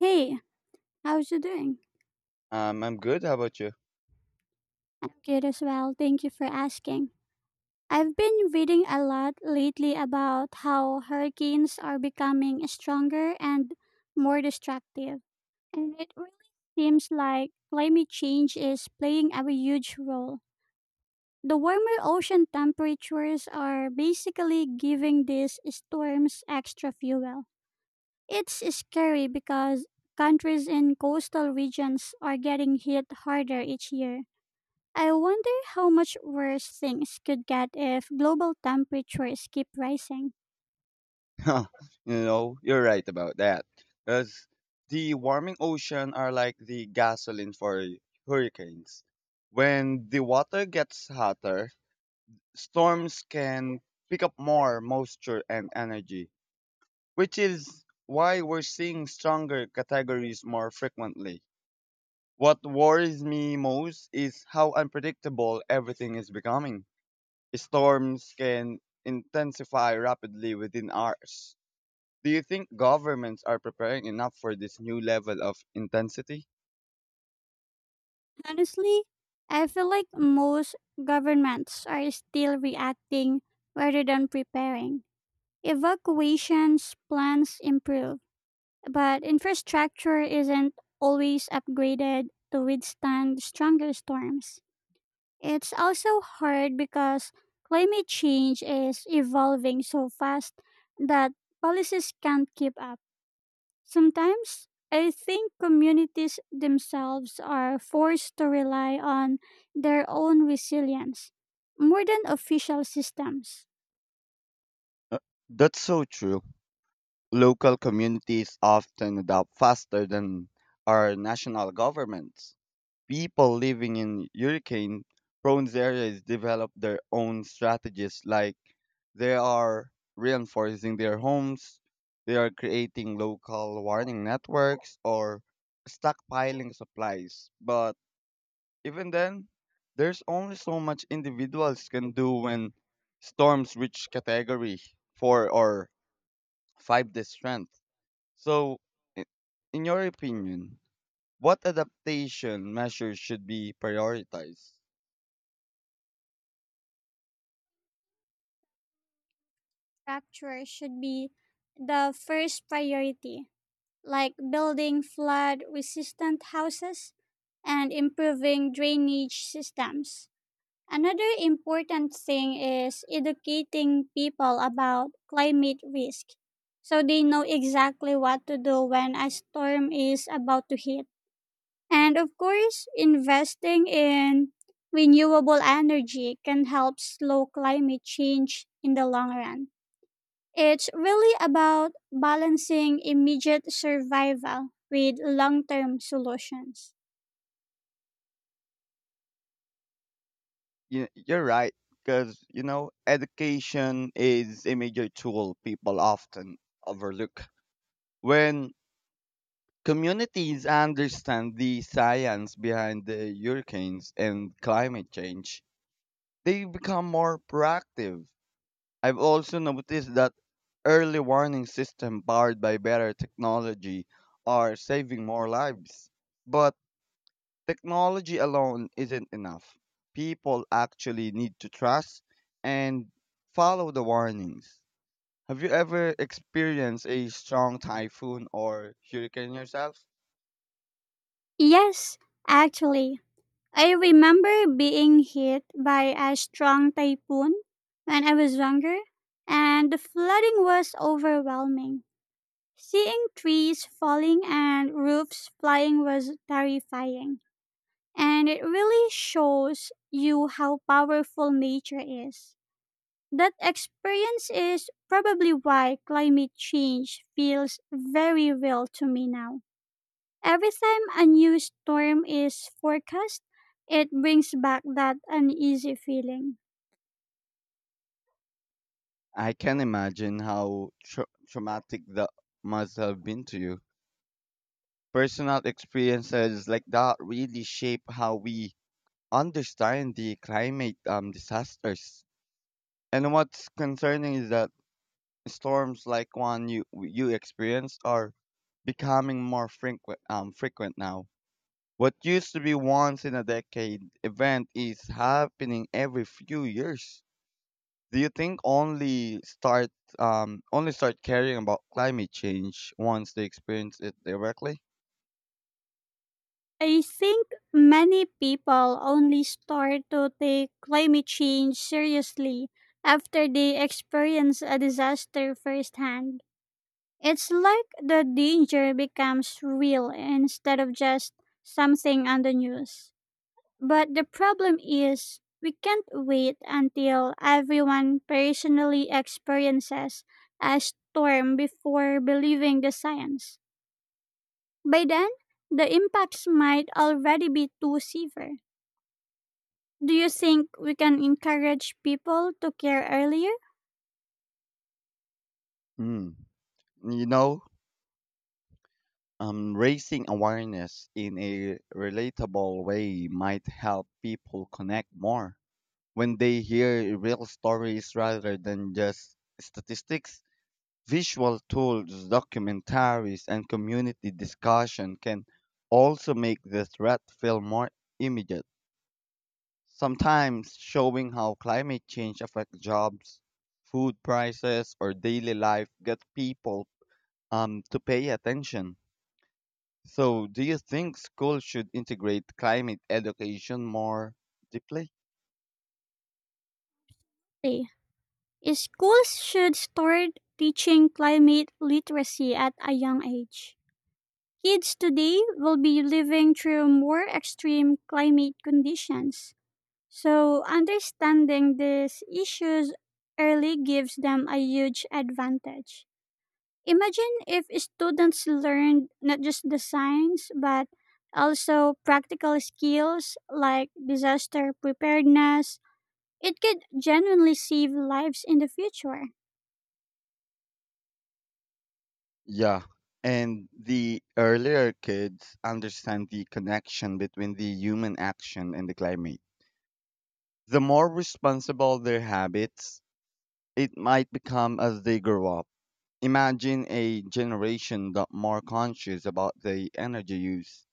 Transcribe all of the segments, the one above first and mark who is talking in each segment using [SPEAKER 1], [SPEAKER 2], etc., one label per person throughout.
[SPEAKER 1] Hey, how's you doing?
[SPEAKER 2] I'm good. How about you?
[SPEAKER 1] I'm good as well. Thank you for asking. I've been reading a lot lately about how hurricanes are becoming stronger and more destructive. And it really seems like climate change is playing a huge role. The warmer ocean temperatures are basically giving these storms extra fuel. It's scary because countries in coastal regions are getting hit harder each year. I wonder how much worse things could get if global temperatures keep rising.
[SPEAKER 2] you you're right about that. Because the warming ocean are like the gasoline for hurricanes. When the water gets hotter, storms can pick up more moisture and energy, which is why we're seeing stronger categories more frequently. What worries me most is how unpredictable everything is becoming. Storms can intensify rapidly within hours. Do you think governments are preparing enough for this new level of intensity?
[SPEAKER 1] Honestly, I feel like most governments are still reacting rather than preparing. Evacuations plans improve, but infrastructure isn't always upgraded to withstand stronger storms. It's also hard because climate change is evolving so fast that policies can't keep up. Sometimes I think communities themselves are forced to rely on their own resilience more than official systems.
[SPEAKER 2] Uh, That's so true. Local communities often adapt faster than our national governments. People living in hurricane prone areas develop their own strategies, like they are reinforcing their homes, they are creating local warning networks, or stockpiling supplies. But even then, there's only so much individuals can do when storms reach category 4 or 5 this strength. So, i- in your opinion, what adaptation measures should be prioritized?
[SPEAKER 1] Structure should be the first priority, like building flood resistant houses and improving drainage systems. Another important thing is educating people about climate risk so they know exactly what to do when a storm is about to hit. And of course, investing in renewable energy can help slow climate change in the long run. It's really about balancing immediate survival with long term solutions.
[SPEAKER 2] You're right, because, education is a major tool people often overlook. When communities understand the science behind the hurricanes and climate change, they become more proactive. I've also noticed that early warning systems powered by better technology are saving more lives. But technology alone isn't enough. People actually need to trust and follow the warnings. Have you ever experienced a strong typhoon or hurricane yourself?
[SPEAKER 1] Yes, actually, I remember being hit by a strong typhoon when I was younger, and the flooding was overwhelming. Seeing trees falling and roofs flying was terrifying, and it really shows you how powerful nature is. That experience is probably why climate change feels very real to me now. Every time a new storm is forecast, it brings back that uneasy feeling.
[SPEAKER 2] I can imagine how traumatic that must have been to you. Personal experiences like that really shape how we understand the climate disasters. And what's concerning is that storms like one you experienced are becoming more frequent frequent now. What used to be once in a decade event is happening every few years. Do you think only start only start caring about climate change once they experience it directly?
[SPEAKER 1] I think many people only start to take climate change seriously after they experience a disaster firsthand. It's like the danger becomes real instead of just something on the news. But the problem is, we can't wait until everyone personally experiences a storm before believing the science. By then, the impacts might already be too severe. Do you think we can encourage people to care earlier?
[SPEAKER 2] Hmm. You know, Raising awareness in a relatable way might help people connect more. When they hear real stories rather than just statistics, visual tools, documentaries, and community discussion can also make the threat feel more immediate. Sometimes showing how climate change affects jobs, food prices, or daily life gets people to pay attention. So, do you think schools should integrate climate education more deeply?
[SPEAKER 1] Hey, schools should start teaching climate literacy at a young age. Kids today will be living through more extreme climate conditions. So, understanding these issues early gives them a huge advantage. Imagine if students learned not just the science, but also practical skills like disaster preparedness. It could genuinely save lives in the future.
[SPEAKER 2] Yeah, and the earlier kids understand the connection between the human action and the climate, the more responsible their habits it might become as they grow up. Imagine a generation that more conscious about the energy use,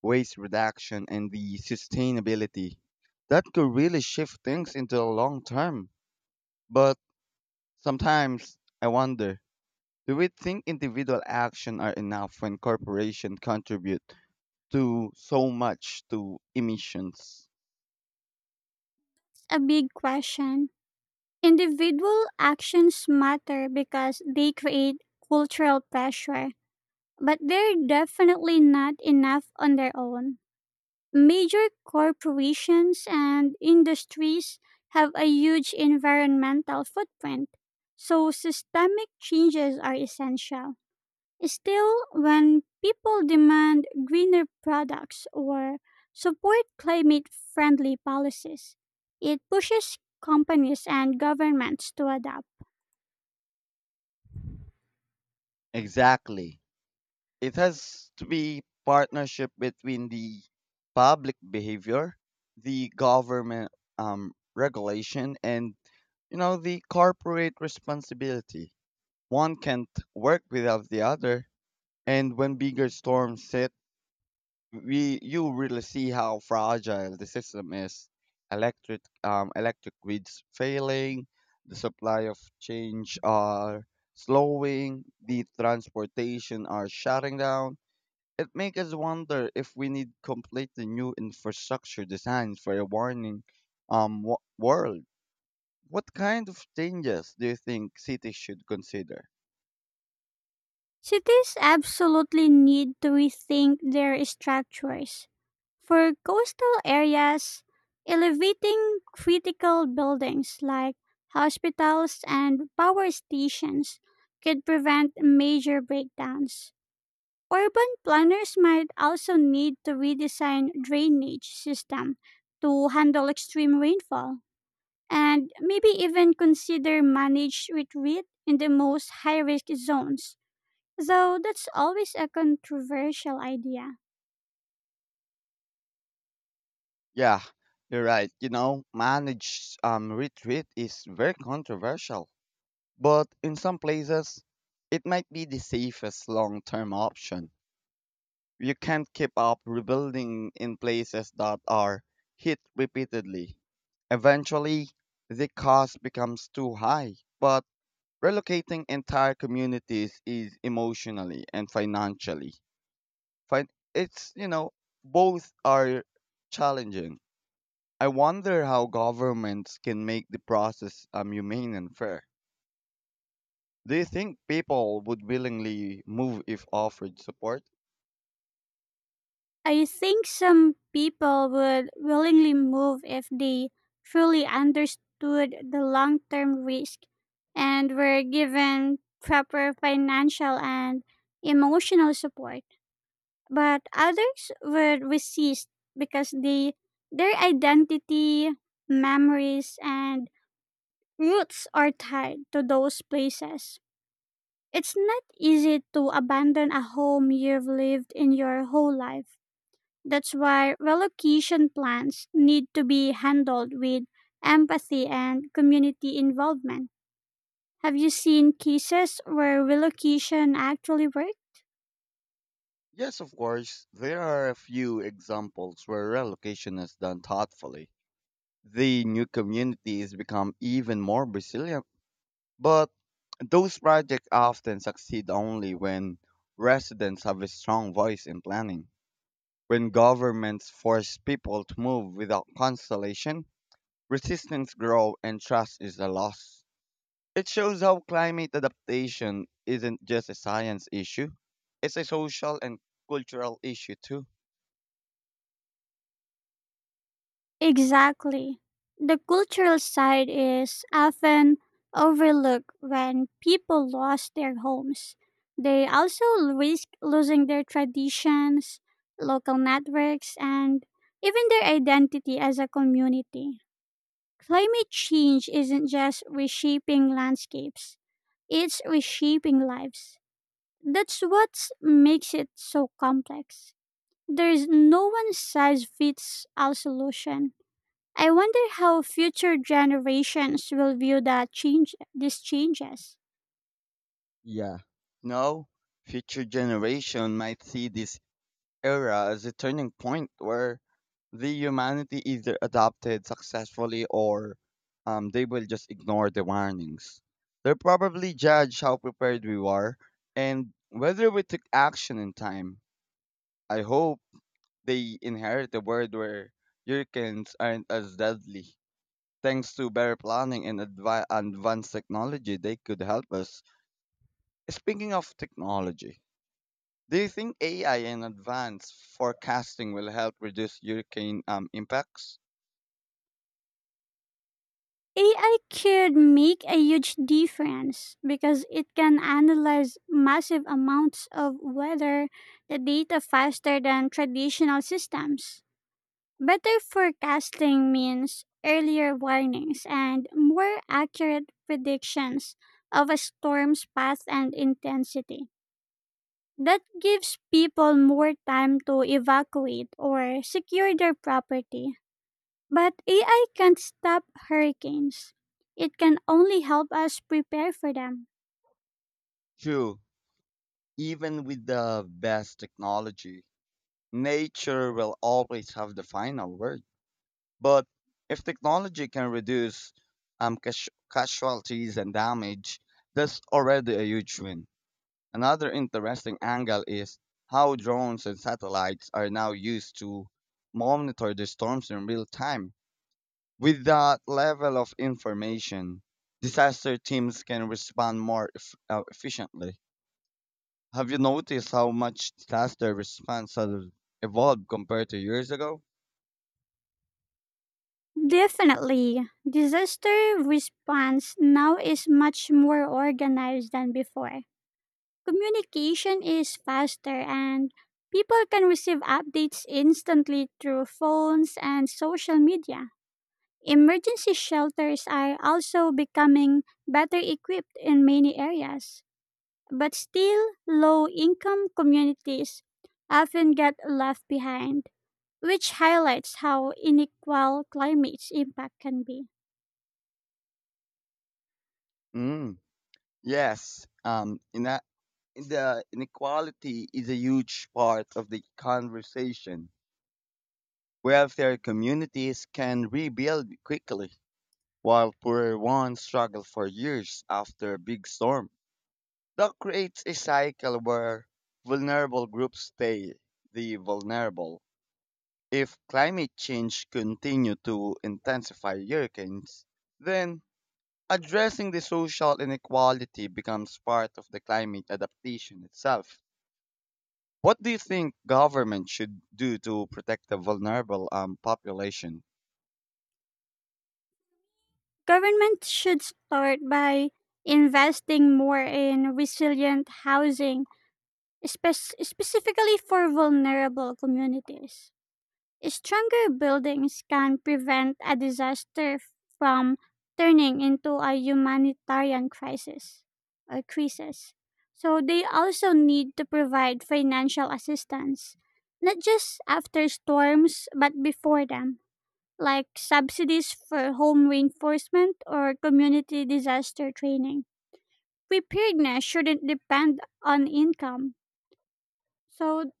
[SPEAKER 2] waste reduction, and the sustainability. That could really shift things into the long term. But sometimes I wonder, do we think individual action are enough when corporations contribute to so much to emissions?
[SPEAKER 1] A big question. Individual actions matter because they create cultural pressure, but they're definitely not enough on their own. Major corporations and industries have a huge environmental footprint, so systemic changes are essential. Still, when people demand greener products or support climate friendly policies, it pushes companies and governments to adapt.
[SPEAKER 2] Exactly. It has to be partnership between the public behavior, the government regulation, and the corporate responsibility. One can't work without the other. And when bigger storms hit, we you really see how fragile the system is. Electric electric grids failing, the supply of change are slowing, the transportation are shutting down. It makes us wonder if we need completely new infrastructure designs for a warning world. What kind of changes do you think cities should consider?
[SPEAKER 1] Cities absolutely need to rethink their structures. For coastal areas, elevating critical buildings like hospitals and power stations could prevent major breakdowns. Urban planners might also need to redesign drainage system to handle extreme rainfall and maybe even consider managed retreat in the most high-risk zones. Though that's always a controversial idea.
[SPEAKER 2] Yeah, you're right. Managed retreat is very controversial, but in some places, it might be the safest long term option. You can't keep up rebuilding in places that are hit repeatedly. Eventually, the cost becomes too high, but relocating entire communities is emotionally and financially. Fin- It's, both are challenging. I wonder how governments can make the process humane and fair. Do you think people would willingly move if offered support?
[SPEAKER 1] I think some people would willingly move if they truly understood the long term risk and were given proper financial and emotional support. But others would resist because they, their identity, memories, and roots are tied to those places. It's not easy to abandon a home you've lived in your whole life. That's why relocation plans need to be handled with empathy and community involvement. Have you seen cases where relocation actually worked?
[SPEAKER 2] Yes, of course. There are a few examples where relocation is done thoughtfully. The new communities become even more resilient, but those projects often succeed only when residents have a strong voice in planning. When governments force people to move without consultation, resistance grows and trust is a loss. It shows how climate adaptation isn't just a science issue, it's a social and cultural issue too.
[SPEAKER 1] Exactly. The cultural side is often overlooked when people lost their homes. They also risk losing their traditions, local networks, and even their identity as a community. Climate change isn't just reshaping landscapes, it's reshaping lives. That's what makes it so complex. There's no one size fits all solution. I wonder how future generations will view that change these changes.
[SPEAKER 2] Yeah, now, future generation might see this era as a turning point where the humanity either adapted successfully or they will just ignore the warnings. They'll probably judge how prepared we were and whether we took action in time. I hope they inherit a world where hurricanes aren't as deadly. Thanks to better planning and advanced technology, they could help us. Speaking of technology, do you think AI and advanced forecasting will help reduce hurricane impacts?
[SPEAKER 1] AI could make a huge difference because it can analyze massive amounts of weather the data faster than traditional systems. Better forecasting means earlier warnings and more accurate predictions of a storm's path and intensity. That gives people more time to evacuate or secure their property. But AI can't stop hurricanes. It can only help us prepare for them.
[SPEAKER 2] True, even with the best technology, nature will always have the final word. But if technology can reduce casualties and damage, that's already a huge win. Another interesting angle is how drones and satellites are now used to monitor the storms in real time. With that level of information, disaster teams can respond more efficiently. Have you noticed how much disaster response has evolved compared to years ago?
[SPEAKER 1] Definitely, disaster response now is much more organized than before. Communication is faster and people can receive updates instantly through phones and social media. Emergency shelters are also becoming better equipped in many areas, but still low income communities often get left behind, which highlights how unequal climate's impact can be.
[SPEAKER 2] Mm, yes. In the inequality is a huge part of the conversation. Welfare communities can rebuild quickly while poorer ones struggle for years after a big storm. That creates a cycle where vulnerable groups stay the vulnerable. If climate change continue to intensify hurricanes, then addressing the social inequality becomes part of the climate adaptation itself. What do you think government should do to protect the vulnerable population?
[SPEAKER 1] Governments should start by investing more in resilient housing. Specifically for vulnerable communities. Stronger buildings can prevent a disaster from turning into a humanitarian crisis or crisis. So they also need to provide financial assistance, not just after storms, but before them, like subsidies for home reinforcement or community disaster training. Preparedness shouldn't depend on income. So,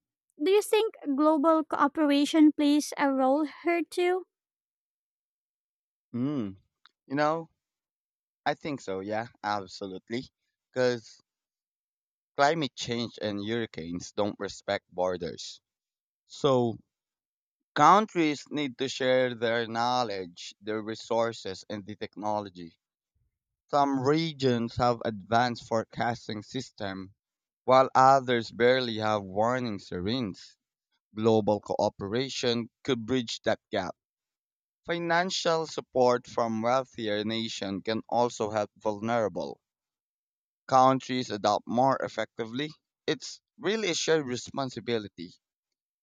[SPEAKER 1] do you think global cooperation plays a role here too?
[SPEAKER 2] Mm, you know, I think so, yeah, absolutely. Because climate change and hurricanes don't respect borders. So, countries need to share their knowledge, their resources, and the technology. Some regions have advanced forecasting systems, while others barely have warning sirens. Global cooperation could bridge that gap. Financial support from wealthier nations can also help vulnerable countries adapt more effectively. It's really a shared responsibility,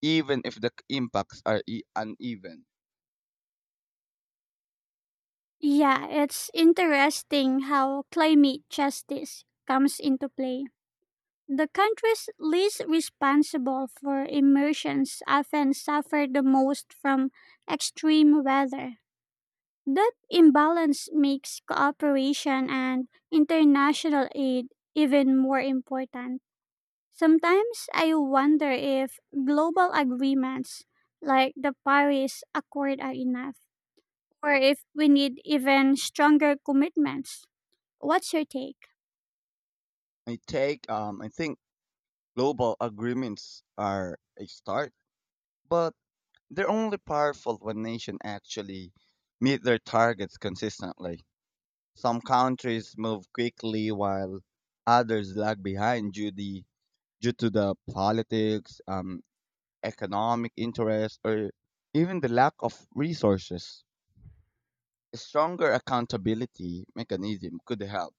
[SPEAKER 2] even if the impacts are uneven.
[SPEAKER 1] Yeah, it's interesting how climate justice comes into play. The countries least responsible for emissions often suffer the most from extreme weather. That imbalance makes cooperation and international aid even more important. Sometimes I wonder if global agreements like the Paris Accord are enough, or if we need even stronger commitments. What's your take?
[SPEAKER 2] I think global agreements are a start, but they're only powerful when nations actually meet their targets consistently. Some countries move quickly while others lag behind due to the politics, economic interests, or even the lack of resources. A stronger accountability mechanism could help,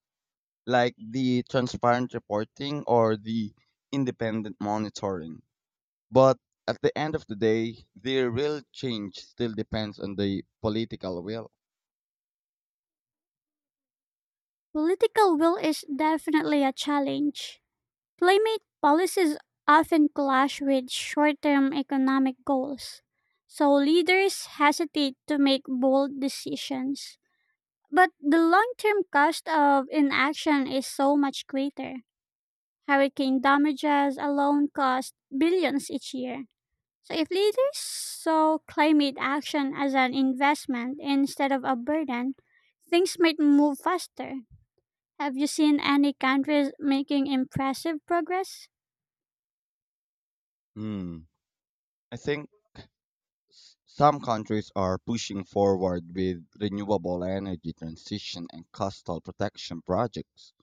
[SPEAKER 2] like the transparent reporting or the independent monitoring. But at the end of the day, the real change still depends on the political will.
[SPEAKER 1] Political will is definitely a challenge. Climate policies often clash with short term economic goals, so leaders hesitate to make bold decisions. But the long term cost of inaction is so much greater. Hurricane damages alone cost billions each year. So, if leaders saw climate action as an investment instead of a burden, things might move faster. Have you seen any countries making impressive progress?
[SPEAKER 2] Hmm. I think some countries are pushing forward with renewable energy transition and coastal protection projects.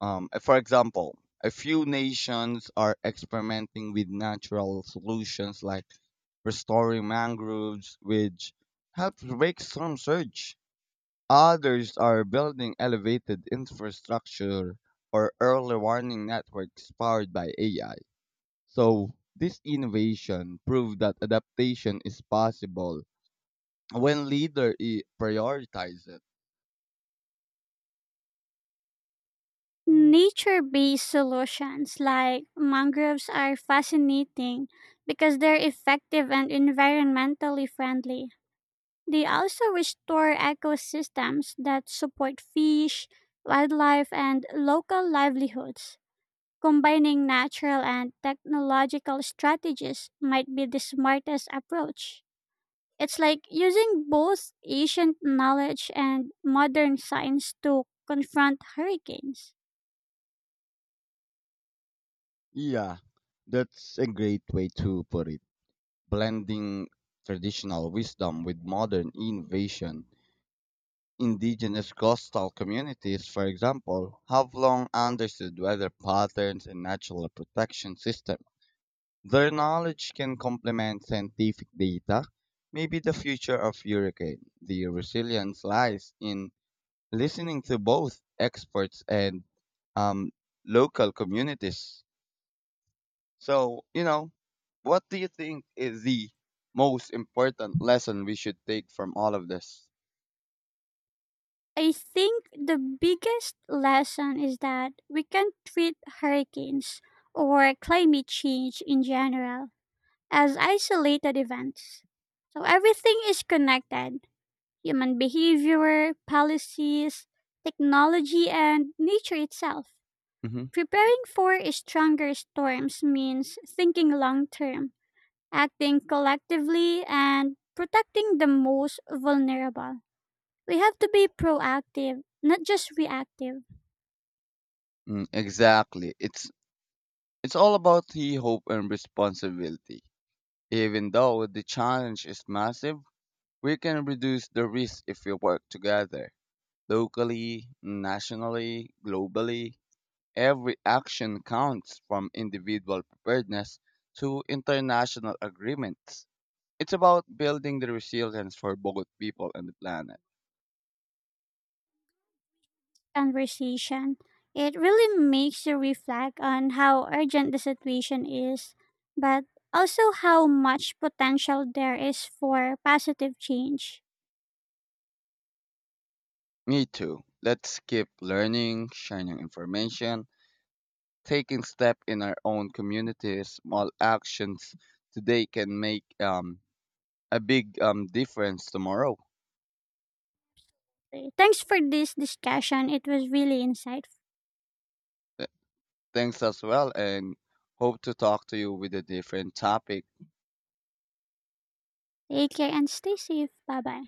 [SPEAKER 2] For example, a few nations are experimenting with natural solutions like restoring mangroves, which helps break storm surge. Others are building elevated infrastructure or early warning networks powered by AI. So, this innovation proved that adaptation is possible when prioritize it.
[SPEAKER 1] Nature based solutions like mangroves are fascinating because they're effective and environmentally friendly. They also restore ecosystems that support fish, wildlife, and local livelihoods. Combining natural and technological strategies might be the smartest approach. It's like using both ancient knowledge and modern science to confront hurricanes.
[SPEAKER 2] Yeah, that's a great way to put it. Blending traditional wisdom with modern innovation. Indigenous coastal communities, for example, have long understood weather patterns and natural protection systems. Their knowledge can complement scientific data. Maybe the future of hurricane, the resilience lies in listening to both experts and um, local communities. So, what do you think is the most important lesson we should take from all of this?
[SPEAKER 1] I think the biggest lesson is that we can treat hurricanes or climate change in general as isolated events. So everything is connected human behavior, policies, technology, and nature itself.
[SPEAKER 2] hmm
[SPEAKER 1] Preparing for stronger storms means thinking long term, acting collectively, and protecting the most vulnerable. We have to be proactive, not just reactive.
[SPEAKER 2] Mm, exactly. It's all about the hope and responsibility. Even though the challenge is massive, we can reduce the risk if we work together. Locally, nationally, globally, every action counts from individual preparedness to international agreements. It's about building the resilience for both people and the planet.
[SPEAKER 1] Conversation. It really makes you reflect on how urgent the situation is, but also how much potential there is for positive change.
[SPEAKER 2] Me too. Let's keep learning, sharing information, taking step in our own communities. Small actions today can make a big difference tomorrow.
[SPEAKER 1] Thanks for this discussion. It was really insightful.
[SPEAKER 2] Th- Thanks as well, and hope to talk to you with a different topic.
[SPEAKER 1] Take care and stay safe. Bye bye.